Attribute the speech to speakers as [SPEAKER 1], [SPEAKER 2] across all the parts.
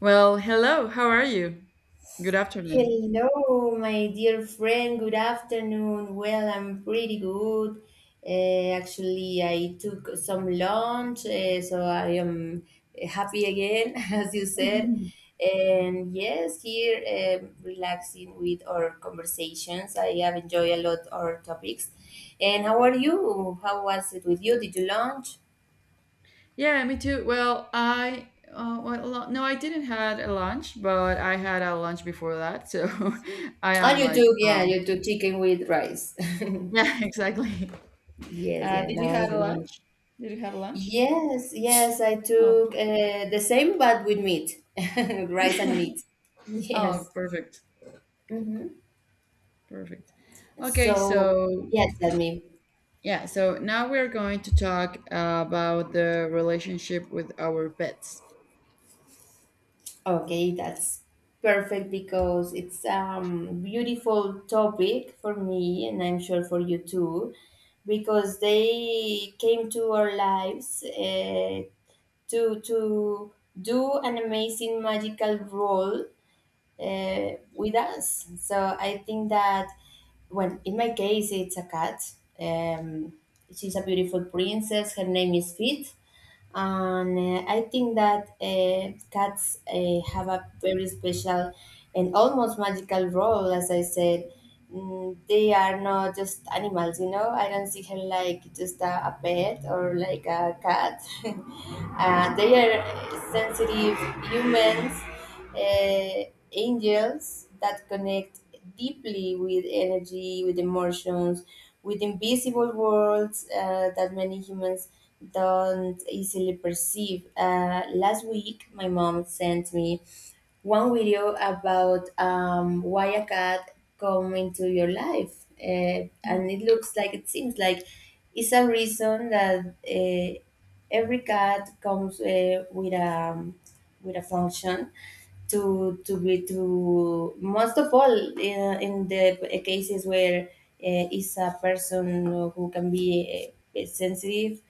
[SPEAKER 1] Well, hello. How are you? Good afternoon.
[SPEAKER 2] Hello, my dear friend. Good afternoon. Well, I'm pretty good. Actually, I took some lunch, so I am happy again, as you said. And yes, here relaxing with our conversations. I have enjoyed a lot our topics. And how are you? How was it with you? Did you lunch?
[SPEAKER 1] Yeah, me too. No, I didn't had a lunch, but I had a lunch before that, so I
[SPEAKER 2] Oh,
[SPEAKER 1] am like, um,
[SPEAKER 2] you took chicken with rice.
[SPEAKER 1] yeah, exactly.
[SPEAKER 2] Yes, yeah.
[SPEAKER 1] Did you
[SPEAKER 2] Now I
[SPEAKER 1] had a
[SPEAKER 2] remember.
[SPEAKER 1] lunch? Did you have a lunch?
[SPEAKER 2] Yes, yes, I
[SPEAKER 1] Oh,
[SPEAKER 2] took
[SPEAKER 1] per-
[SPEAKER 2] the same, but with meat, rice and meat.
[SPEAKER 1] oh,
[SPEAKER 2] Yes.
[SPEAKER 1] perfect, perfect. Okay,
[SPEAKER 2] So,
[SPEAKER 1] so
[SPEAKER 2] yeah, tell me.
[SPEAKER 1] yeah, so now we're going to talk about the relationship with our pets.
[SPEAKER 2] Okay, that's perfect because it's beautiful topic for me, and I'm sure for you too, because they came to our lives, to do an amazing magical role with us. So I think that when in my case it's a cat. Um, she's a beautiful princess. Her name is Fit, and I think that cats have a very special and almost magical role, as I said. They are not just animals. I don't see her like just a pet or like a cat. They are sensitive humans, angels that connect deeply with energy, with emotions, with invisible worlds that many humans don't easily perceive. Last week, my mom sent me one video about, why a cat come into your life, and
[SPEAKER 1] Mm.
[SPEAKER 2] it looks like it seems like it's a reason that, every cat comes with a function to be to most of all, in the cases where, it's a person who can be, sensitive.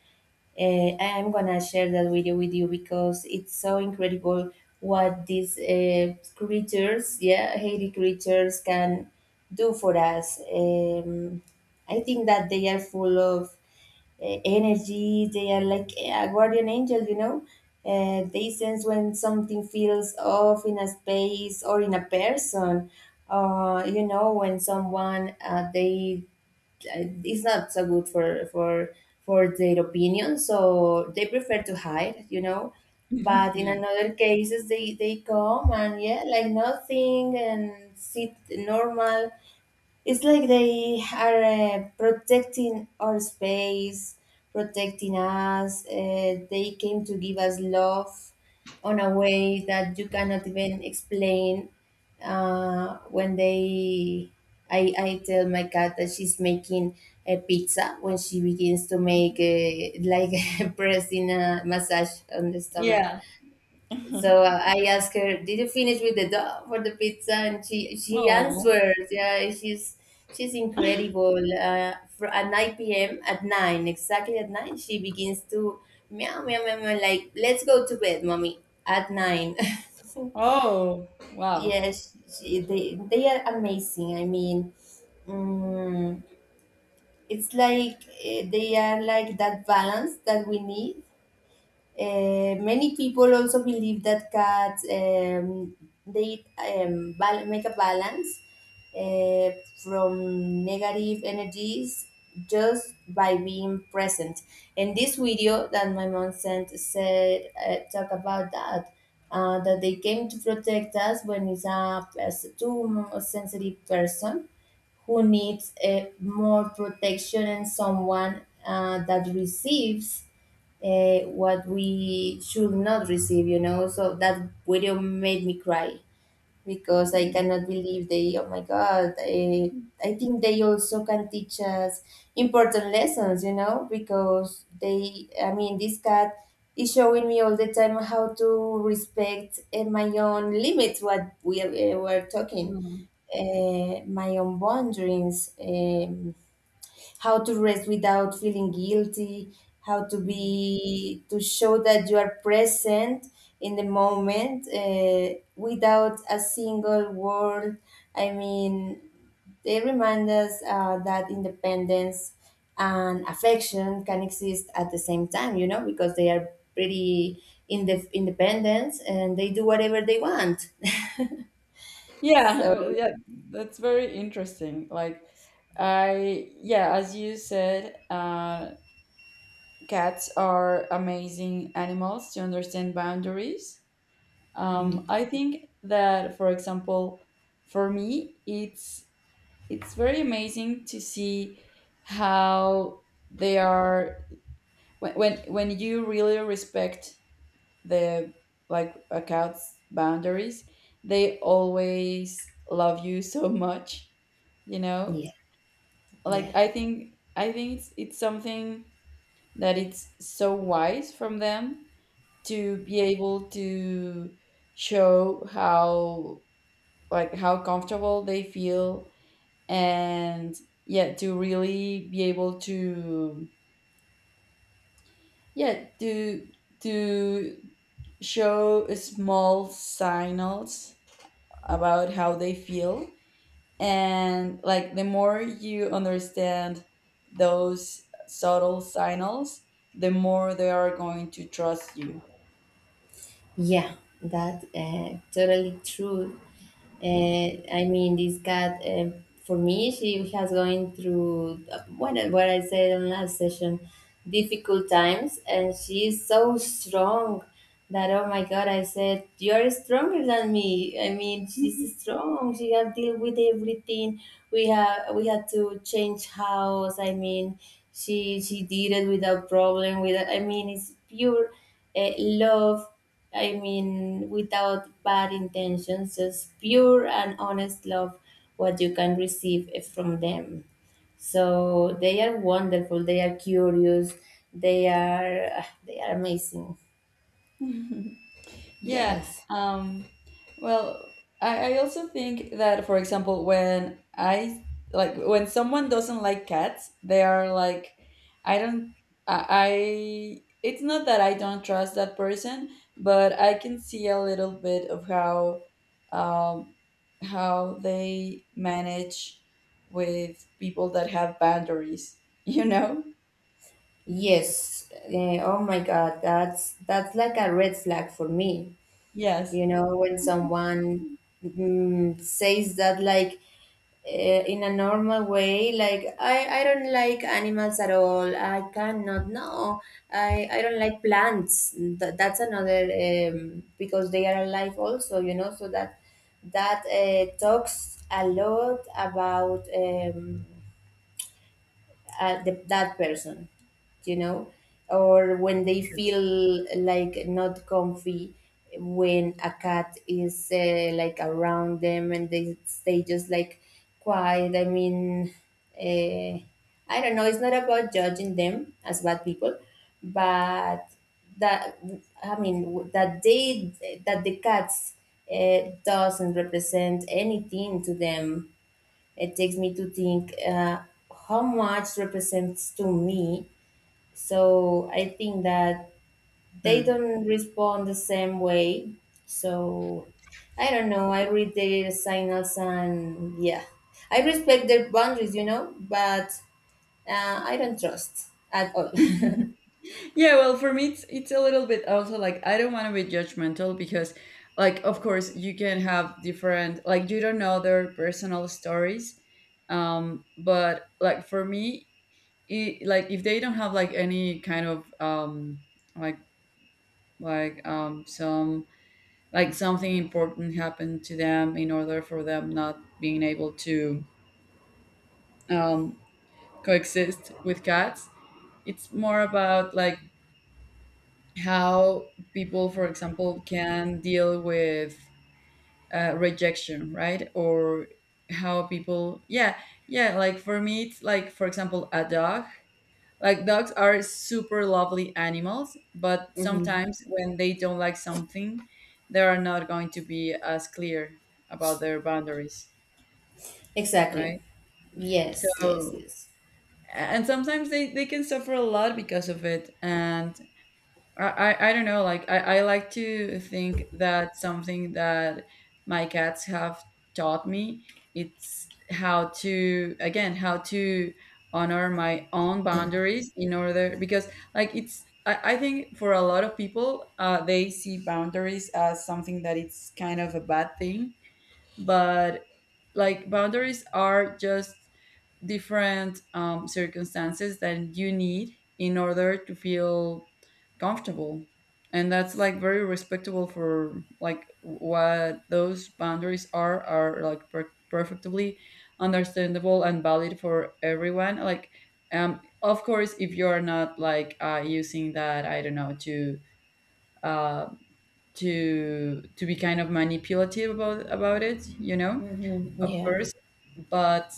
[SPEAKER 2] I am gonna share that video with you because it's so incredible what these, Haiti creatures, can do for us. I think that they are full of, energy. They are like a guardian angel. They sense when something feels off in a space or in a person. When someone, they it's not so good for their opinion, so they prefer to hide. But in
[SPEAKER 1] Yeah.
[SPEAKER 2] another cases, they come and, yeah, like nothing and sit normal. It's like they are, protecting our space, protecting us. They came to give us love on a way that you cannot even explain. Uh, when they, I tell my cat that she's making a pizza when she begins to make, like pressing a massage on the stomach.
[SPEAKER 1] Yeah.
[SPEAKER 2] So, I asked her, "Did you finish with the dough for the pizza?" And she
[SPEAKER 1] Oh.
[SPEAKER 2] answered, "Yeah, she's incredible." At nine p.m., at nine, exactly at nine, she begins to meow, meow, meow, meow, like, let's go to bed, mommy. At nine,
[SPEAKER 1] Oh, wow.
[SPEAKER 2] yes, she, they are amazing. I mean, mm, it's like, they are like that balance that we need. Many people also believe that cats, make a balance, uh, from negative energies just by being present. And this video that my mom sent said, talk about that. That they came to protect us when it's too sensitive person who needs, more protection, and someone, that receives, what we should not receive. So that video made me cry because I
[SPEAKER 1] Mm,
[SPEAKER 2] cannot believe oh my God, I think they also can teach us important lessons, because I mean, this cat is showing me all the time how to respect, my own limits, what we, were talking,
[SPEAKER 1] mm,
[SPEAKER 2] my own boundaries. How to rest without feeling guilty, how to
[SPEAKER 1] mm.
[SPEAKER 2] be to show that you are present in the moment, without a single word. I mean, they remind us, that independence and affection can exist at the same time, because they are pretty in the independence and they do whatever they want. So,
[SPEAKER 1] Yeah, that's very interesting. Yeah, as you said, cats are amazing animals to understand boundaries.
[SPEAKER 2] mhm,
[SPEAKER 1] I think that, for example, for me, it's very amazing to see how they are when you really respect the like accounts boundaries, they always love you so much, you know.
[SPEAKER 2] yeah, yeah,
[SPEAKER 1] Like I think it's something that it's so wise from them, to be able to show how, like how comfortable they feel and yeah, to really be able to yeah to to show small signals about how they feel. And like the more you understand those subtle signals, the more they are going to trust you.
[SPEAKER 2] yeah, that totally true. I mean, this cat, for me, she has going through, what I said on last session, difficult times, and she is so strong that, oh my god, I said you're stronger than me. I mean, she's strong. She has deal with everything. We had to change house. I mean, she did it without problem. Without, I mean, it's pure, love. I mean, without bad intentions, just pure and honest love, what you can receive, from them. So they are wonderful. They are curious. They are amazing.
[SPEAKER 1] Yeah.
[SPEAKER 2] Yes,
[SPEAKER 1] Um, well, I also think that, for example, when I like when someone doesn't like cats, they are like, I don't, I. It's not that I don't trust that person, but I can see a little bit of um, how they manage with people that have boundaries. You know?
[SPEAKER 2] yes. Oh my God, that's like a red flag for me.
[SPEAKER 1] Yes.
[SPEAKER 2] You know, when someone, says that, like, in a normal way, like, I don't like animals at all. I cannot. No, I don't like plants. That's another, because they are alive also. So that, talks a lot about, that person you know or when they feel like not comfy, when a cat is, like around them, and they stay just like quiet. I mean, uh, I don't know. It's not about judging them as bad people, but that, I mean, that they, that the cats, doesn't represent anything to them. It takes me to think, how much represents to me. So I think that they
[SPEAKER 1] Hmm.
[SPEAKER 2] don't respond the same way. So I don't know. I read their signals and, yeah, I respect their boundaries, but, I don't trust at all.
[SPEAKER 1] Yeah, it's a little bit also like I don't want to be judgmental, because like of course you can have different, like you don't know their personal stories. But like for me, like if they don't have like any kind of like some like something important happened to them in order for them not being able to um, coexist with cats, it's more about like how people, for example, can deal with rejection, right? Or how people, yeah, like for me, it's like, for example, a dog. Like dogs are super lovely animals, but
[SPEAKER 2] hmm
[SPEAKER 1] sometimes when they don't like something, they are not going to be as clear about their boundaries,
[SPEAKER 2] exactly.
[SPEAKER 1] right?
[SPEAKER 2] Yes, yes,
[SPEAKER 1] So,
[SPEAKER 2] yes.
[SPEAKER 1] and sometimes they can suffer a lot because of it. And I, I don't know. Like I like to think that something that my cats have taught me, it's how to, again, how to honor my own boundaries, in order because like it's I think for a lot of people they see boundaries as something that it's kind of a bad thing, but like boundaries are just different circumstances that you need in order to feel comfortable. And that's like very respectable, for like what those boundaries are, like perfectly understandable and valid for everyone. Like um, of course if you're not like using that, I don't know, to uh to be kind of manipulative about it, you know,
[SPEAKER 2] Hmm.
[SPEAKER 1] of
[SPEAKER 2] Yeah.
[SPEAKER 1] course. But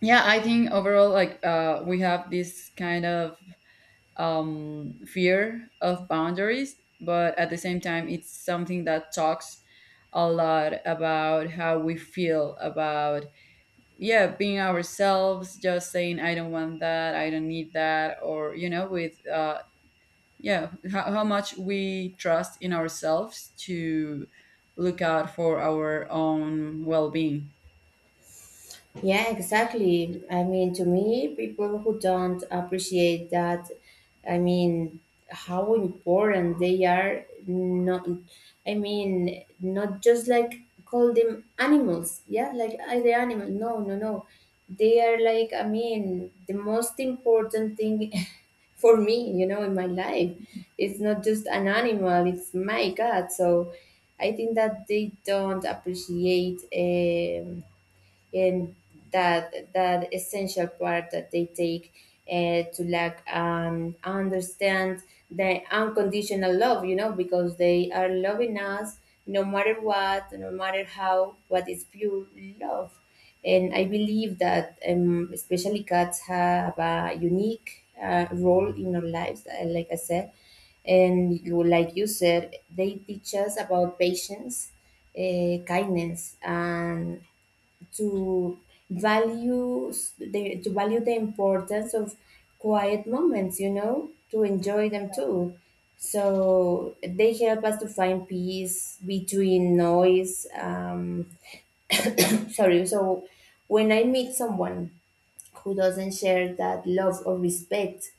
[SPEAKER 1] yeah, I think overall like uh, we have this kind of um, fear of boundaries, but at the same time it's something that talks a lot about how we feel about yeah being ourselves, just saying I don't want that, I don't need that, or you know, with yeah, how much we trust in ourselves to look out for our own well-being.
[SPEAKER 2] Yeah, exactly. I mean, to me, people who don't appreciate that, I mean, how important they are, not, I mean, not just like call them animals, yeah, like, "Ah, they're animal. No, no, no. They are like," I mean, the most important thing for me, in my life. It's not just an animal, it's my God. So I think that they don't appreciate. And that essential part that they take, to like, understand the unconditional love, because they are loving us no matter what, no matter how, what is pure love. And I believe that, especially cats have a unique, role in our lives, like I said. And like you said, they teach us about patience, kindness, and to to value the importance of quiet moments, to enjoy them too, so they help us to find peace between noise. Sorry. So when I meet someone who doesn't share that love or respect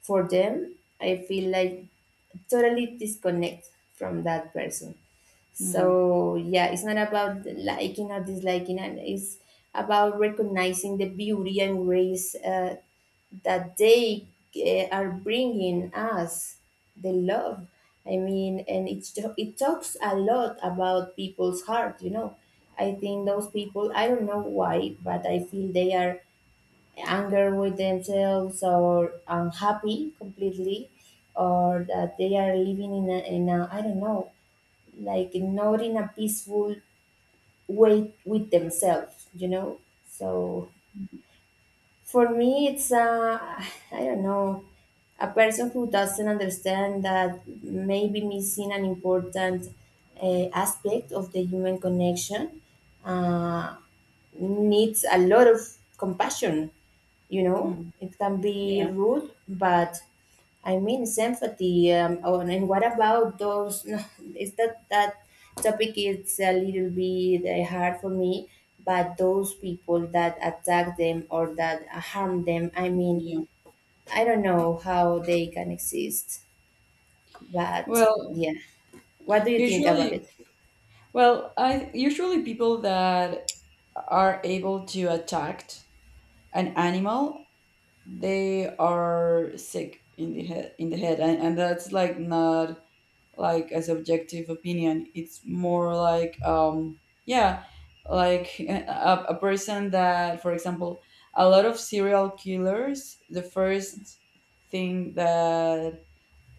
[SPEAKER 2] for them, I feel like totally disconnect from that person.
[SPEAKER 1] Hmm.
[SPEAKER 2] So, yeah, it's not about liking or disliking, and it's about recognizing the beauty and grace, that they, are bringing us the love. I mean, and it's it talks a lot about people's heart. I think those people. I don't know why, but I feel they are anger with themselves or unhappy completely, or that they are living in a, I don't know, like not in a peaceful way with themselves. So for me it's, I don't know, a person who doesn't understand that, maybe missing an important, aspect of the human connection, uh, needs a lot of compassion.
[SPEAKER 1] Hmm.
[SPEAKER 2] It can be
[SPEAKER 1] Yeah.
[SPEAKER 2] rude, but I mean sympathy. Oh, and what about those? No. Is that topic is a little bit, hard for me? But those people that attack them or that harm them, I mean,
[SPEAKER 1] Yeah.
[SPEAKER 2] I don't know how they can exist. But
[SPEAKER 1] Well.
[SPEAKER 2] yeah, what do you think about
[SPEAKER 1] Usually,
[SPEAKER 2] it?
[SPEAKER 1] I usually people that are able to attack an animal, they are sick in the head, and that's like not like a subjective opinion. It's more like um, yeah, like a person that, for example, a lot of serial killers, the first thing that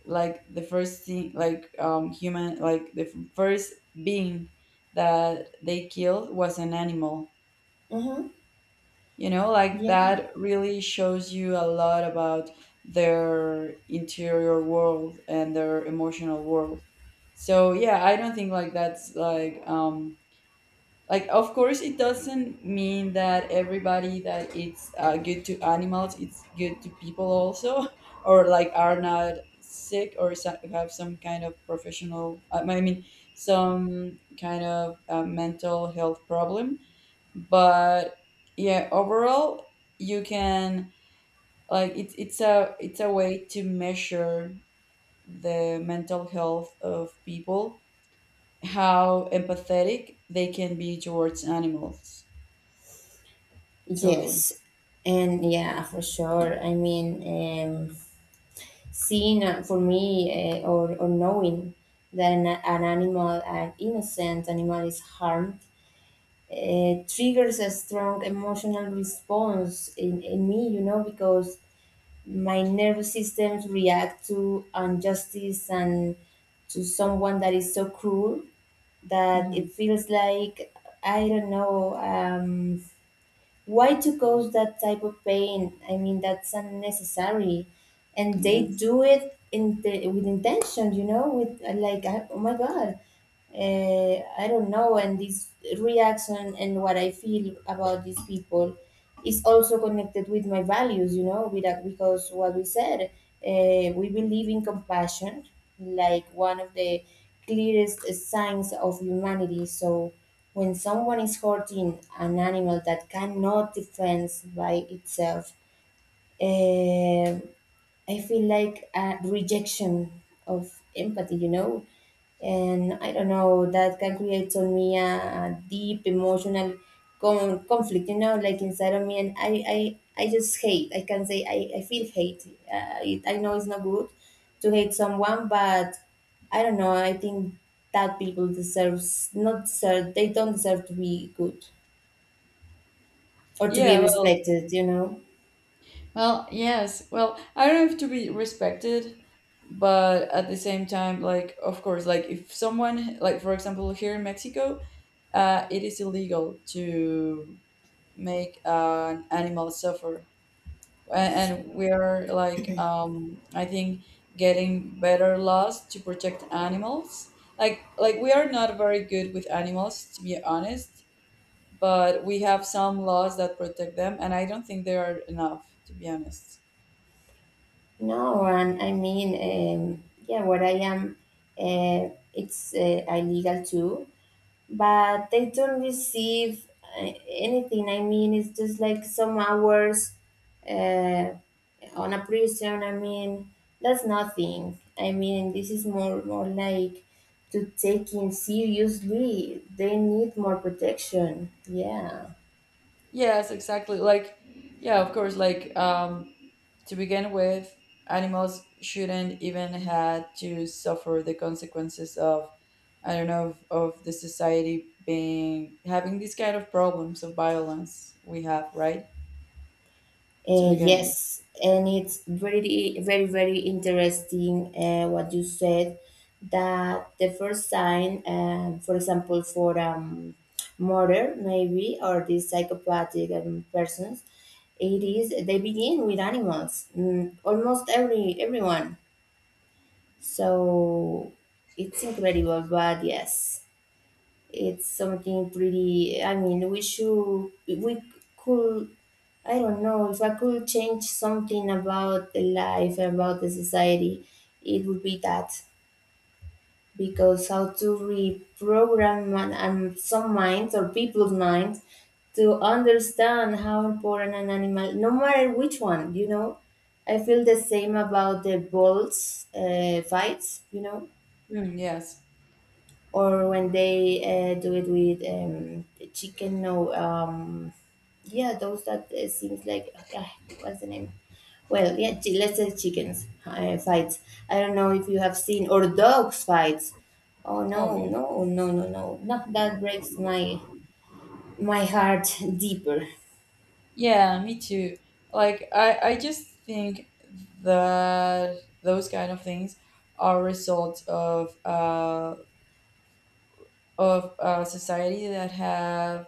[SPEAKER 1] like the first thing, like um, human, like the first being that they killed was an animal,
[SPEAKER 2] Mm-hmm.
[SPEAKER 1] you know. Like
[SPEAKER 2] Yeah.
[SPEAKER 1] that really shows you a lot about their interior world and their emotional world. So yeah, I don't think like that's like um, like, of course, it doesn't mean that everybody that it's good to animals, it's good to people also, or like are not sick or have some kind of professional, I mean, some kind of mental health problem. But yeah, overall, you can like it's a way to measure the mental health of people, how empathetic they can be towards animals. Totally.
[SPEAKER 2] Yes, and yeah, for sure. I mean, um, seeing, for me, or knowing that an animal, an innocent animal, is harmed, triggers a strong emotional response in me, you know, because my nervous systems react to injustice and to someone that is so cruel that
[SPEAKER 1] Hmm.
[SPEAKER 2] it feels like, I don't know. Why to cause that type of pain? I mean, that's unnecessary, and they
[SPEAKER 1] Yes.
[SPEAKER 2] do it in with intention, you know, with, oh my god, I don't know. And this reaction and what I feel about these people is also connected with my values, with that, because what we said, we believe in compassion, like one of the clearest signs of humanity. So when someone is hurting an animal that cannot defend by itself, eh, I feel like a rejection of empathy, you know? And I don't know, that can create on me a deep emotional conflict, like inside of me. And I just hate. I can say I feel hate. I know it's not good to hate someone, but I don't know. I think that people deserves not deserve, they don't deserve to be good or to be
[SPEAKER 1] Yeah.
[SPEAKER 2] respected, you know?
[SPEAKER 1] Yes. Well. I don't have to be respected, but at the same time, like, of course, like, if someone, like, for example, here in Mexico, it is illegal to make an animal suffer, A- and we are like, I think, getting better laws to protect animals. Like we are not very good with animals, to be honest. But we have some laws that protect them and I don't think they are enough, to be honest.
[SPEAKER 2] No, and I mean, yeah, where I am, it's illegal too, but they don't receive anything. I mean, it's just like some hours uh, on a prison. I mean, that's nothing. I mean, this is more like to take in seriously. They need more protection. Yeah.
[SPEAKER 1] Yes, exactly. Like yeah, of course, like um, to begin with, animals shouldn't even had to suffer the consequences of, I don't know, of the society being having these kind of problems of violence we have, right? to begin with
[SPEAKER 2] Yes, and it's very, very, very interesting what you said, that the first sign, for example, for murder, maybe, or these psychopathic persons, it is they begin with animals, almost everyone. So it's incredible, but yes, it's something pretty. I mean, we should, we could. I don't know if I could change something about the life, about the society, it would be that. Because how to reprogram man, some minds or people's minds to understand how important an animal, no matter which one, you know. I feel the same about the bulls fights, you know,
[SPEAKER 1] Mm, yes.
[SPEAKER 2] or when they do it with the chicken. No, yeah, those that seems like, ah, what's the name? Well, yeah, let's say chickens fights. I don't know if you have seen, or dogs fights. Oh
[SPEAKER 1] Oh
[SPEAKER 2] no,
[SPEAKER 1] yeah.
[SPEAKER 2] no, no, no, no! Not that. Breaks my my heart deeper.
[SPEAKER 1] Yeah, me too. Like I just think that those kind of things are results of a society that have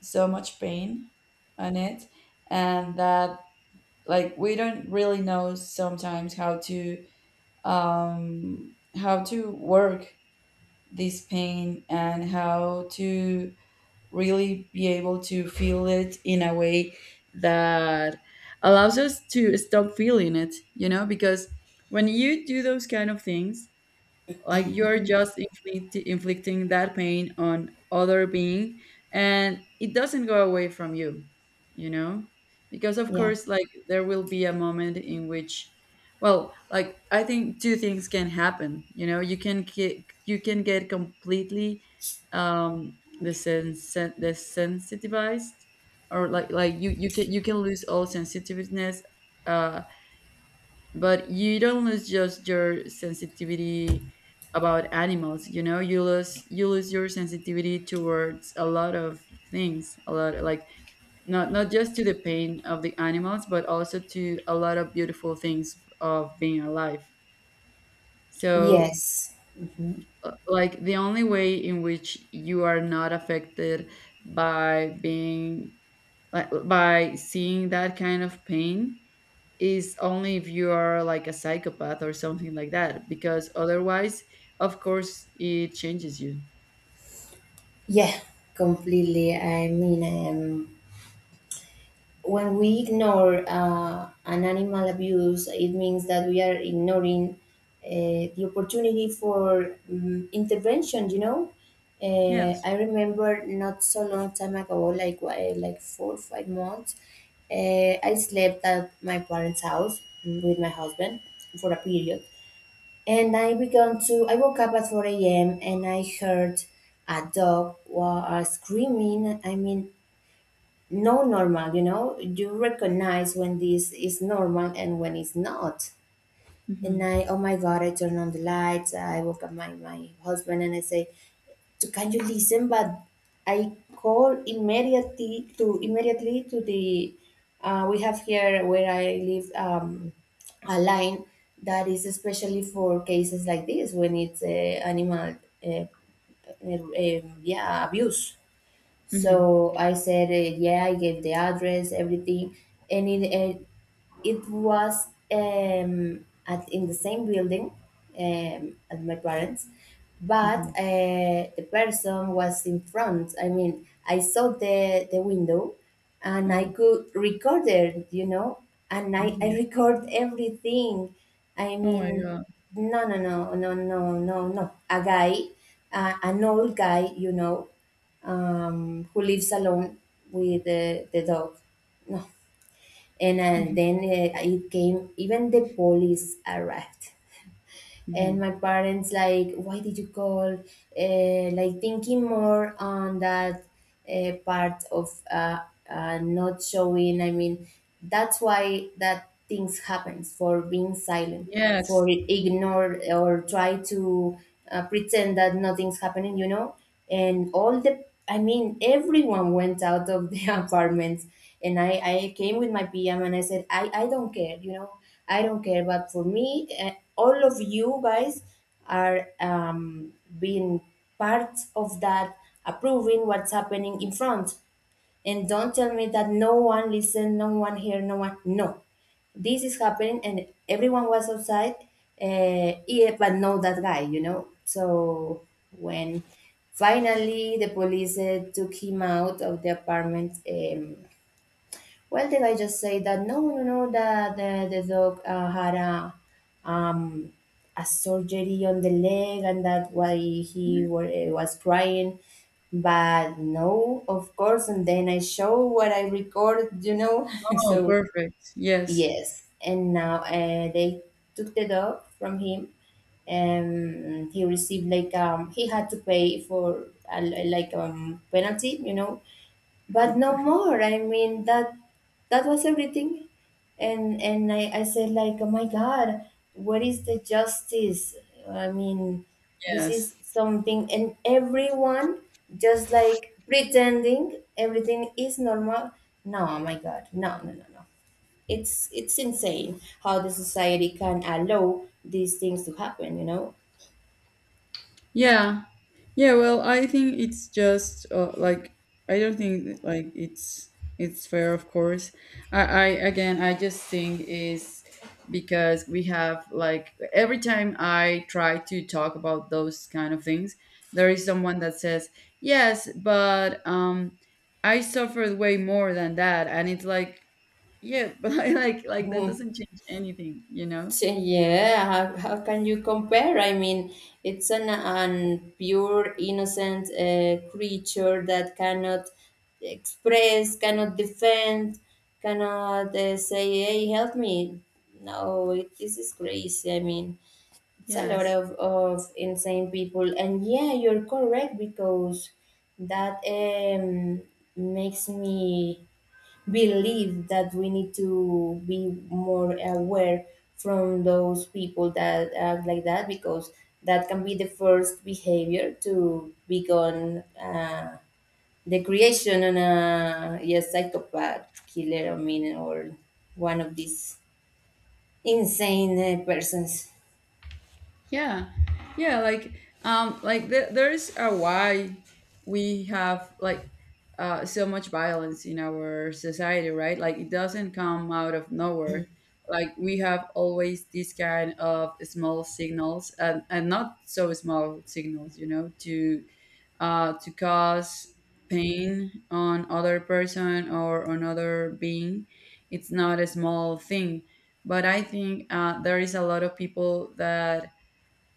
[SPEAKER 1] so much pain on it, and that like we don't really know sometimes how to um, how to work this pain and how to really be able to feel it in a way that allows us to stop feeling it, you know. Because when you do those kind of things, like you're
[SPEAKER 2] Mhm.
[SPEAKER 1] just inflicting that pain on other being, and it doesn't go away from you, you know. Because of
[SPEAKER 2] Yeah.
[SPEAKER 1] course, like there will be a moment in which, well, like I think two things can happen, you know. You can get completely um, the sense desensitized, or like you can, you can lose all sensitiveness, uh but you don't lose just your sensitivity about animals, you know. You lose your sensitivity towards a lot of things, a lot, like not, not just to the pain of the animals, but also to a lot of beautiful things of being alive. So
[SPEAKER 2] Yes. Hmm.
[SPEAKER 1] like the only way in which you are not affected by being, like by seeing that kind of pain, is only if you are like a psychopath or something like that, because otherwise, of course, it changes you.
[SPEAKER 2] Yeah. Completely. I mean, when we ignore an animal abuse, it means that we are ignoring uh, the opportunity for intervention. You know,
[SPEAKER 1] Yes.
[SPEAKER 2] I remember not so long time ago, like like 4 or 5 months, I slept at my parents' house with my husband for a period, and I began to. I woke up at four a.m. and I heard a dog was screaming. I mean, no normal, you know, you recognize when this is normal and when it's not. And
[SPEAKER 1] Mm-hmm.
[SPEAKER 2] I, oh my God, I turn on the lights. I woke up my, my husband and I say, so can you listen? But I call immediately to immediately to the, we have here where I live a line that is especially for cases like this, when it's animal, uh, yeah, abuse.
[SPEAKER 1] Mm-hmm.
[SPEAKER 2] So I said, yeah, I gave the address, everything, and it was, at in the same building as my parents, but
[SPEAKER 1] Mm-hmm.
[SPEAKER 2] the person was in front. I mean, I saw the window, and I
[SPEAKER 1] Oh.
[SPEAKER 2] could record it, you know, and I
[SPEAKER 1] Mm-hmm.
[SPEAKER 2] record everything. I
[SPEAKER 1] Oh my
[SPEAKER 2] mean,
[SPEAKER 1] God.
[SPEAKER 2] no, no, no, no, no, no, no, a guy, an old guy, you know, who lives alone with the dog. No. And
[SPEAKER 1] Mm-hmm.
[SPEAKER 2] then it came, even the police arrived. And
[SPEAKER 1] Mm-hmm.
[SPEAKER 2] my parents, like, why did you call? Like, thinking more on that part of not showing. I mean, that's why that things happens, for being silent, for
[SPEAKER 1] Yes.
[SPEAKER 2] ignore or try to pretend that nothing's happening. You know, and all the, I mean, everyone went out of the apartments, and I came with my PM and I said, I don't care. You know, I don't care. But for me, all of you guys are being parts of that, approving what's happening in front. And don't tell me that no one listened, no one heard, no one. No, this is happening, and everyone was outside. Yeah, but no, that guy, you know. So when finally the police took him out of the apartment, well, did I just say that? No, no, no. That the dog had a, um, a surgery on the leg, and that's why he was crying. But no, of course. And then I show what I recorded, you know.
[SPEAKER 1] Oh,
[SPEAKER 2] So
[SPEAKER 1] perfect. Yes.
[SPEAKER 2] yes, and now they took the dog from him, and he received like, he had to pay for a, like, penalty, you know,
[SPEAKER 1] Oh,
[SPEAKER 2] but no
[SPEAKER 1] perfect.
[SPEAKER 2] more. I mean, that that was everything. And I said like, oh my god, what is the justice? I mean, this
[SPEAKER 1] Yes.
[SPEAKER 2] is something, and everyone just like pretending everything is normal. No, oh my god, no, no, no, no. It's, it's insane how the society can allow these things to happen, you know.
[SPEAKER 1] Yeah. Yeah, well, I think it's just like I don't think that, like it's fair, of course. I again, I just think is because we have, like every time I try to talk about those kind of things, there is someone that says yes, but I suffered way more than that, and it's like yeah, but like that doesn't change anything, you know?
[SPEAKER 2] Yeah, how can you compare? I mean, it's an pure innocent creature that cannot express, cannot defend, cannot say, hey, help me. No, it, this is crazy. I mean, it's a lot
[SPEAKER 1] Yes.
[SPEAKER 2] of insane people. And yeah, you're correct, because that, makes me believe that we need to be more aware from those people that act like that, because that can be the first behavior to begin the creation on a, yes, psychopath killer, I mean, or one of these insane persons.
[SPEAKER 1] Yeah, yeah, like there is a why we have like so much violence in our society, right? Like it doesn't come out of nowhere. Like we have always this kind of small signals and not so small signals, you know, to cause pain on other person or on other being. It's not a small thing, but I think there is a lot of people that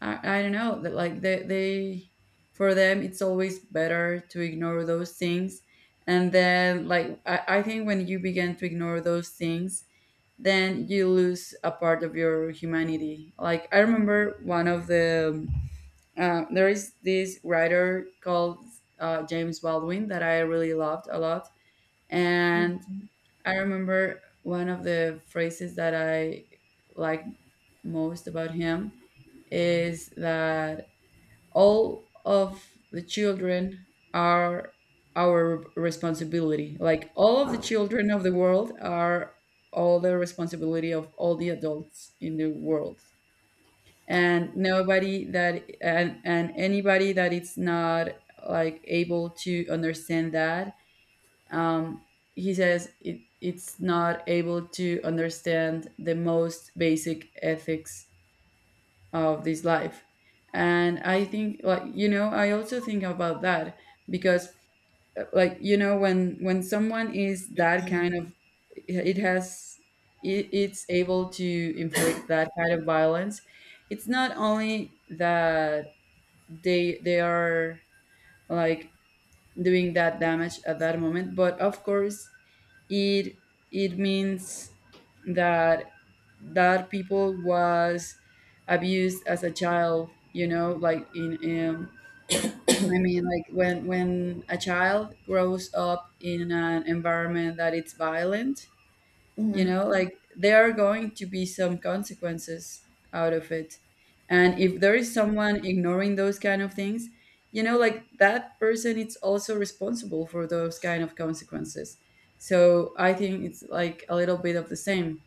[SPEAKER 1] I don't know, that like they, for them it's always better to ignore those things. And then like I think when you begin to ignore those things, then you lose a part of your humanity. Like I remember one of the there is this writer called James Baldwin, that I really loved a lot. And I remember one of the phrases that I like most about him is that all of the children are our responsibility. Like all of the children of the world are all the responsibility of all the adults in the world. And and anybody that it's not like able to understand that, um, he says it, it's not able to understand the most basic ethics of this life. And I think, like, you know, I also think about that, because like you know, when someone is that kind of, it has, it's able to inflict that kind of violence, it's not only that they are like doing that damage at that moment, but of course it, it means that that people was abused as a child, you know. Like in um, I mean, like when a child grows up in an environment that it's violent, you
[SPEAKER 2] Mhm.
[SPEAKER 1] know, like there are going to be some consequences out of it. And if there is someone ignoring those kind of things, you know, like that person is also responsible for those kind of consequences. So I think it's like a little bit of the same.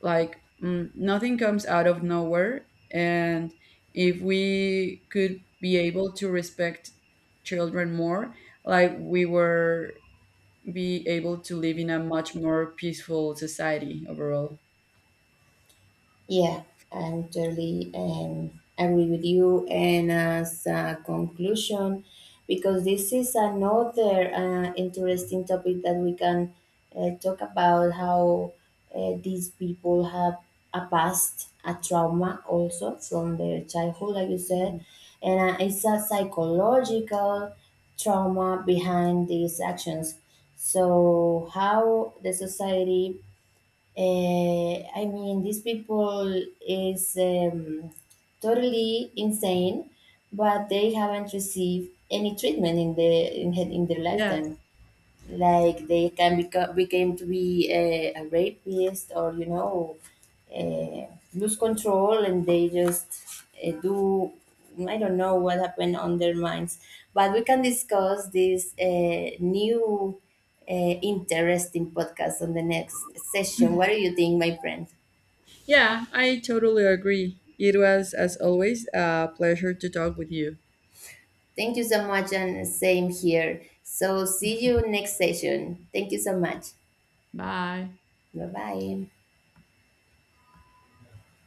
[SPEAKER 1] Like mm, nothing comes out of nowhere, and if we could be able to respect children more, like we were be able to live in a much more peaceful society overall.
[SPEAKER 2] Yeah, I'm totally agree with you. And as a conclusion, because this is another interesting topic that we can talk about, how these people have a past, a trauma also from their childhood, like you said.
[SPEAKER 1] Mhm.
[SPEAKER 2] And it's a psychological trauma behind these actions. So, how the society, I mean, these people is totally insane, but they haven't received any treatment in the in their
[SPEAKER 1] Yes.
[SPEAKER 2] lifetime, like they can become became to be a rapist, or you know, uh, lose control, and they just do, I don't know what happened on their minds. But we can discuss this new interesting podcast on the next session. What do you think, my friend?
[SPEAKER 1] Yeah, I totally agree. It was, as always, a pleasure to talk with you.
[SPEAKER 2] Thank you so much, and same here. So see you next session. Thank you so much.
[SPEAKER 1] Bye.
[SPEAKER 2] Bye bye.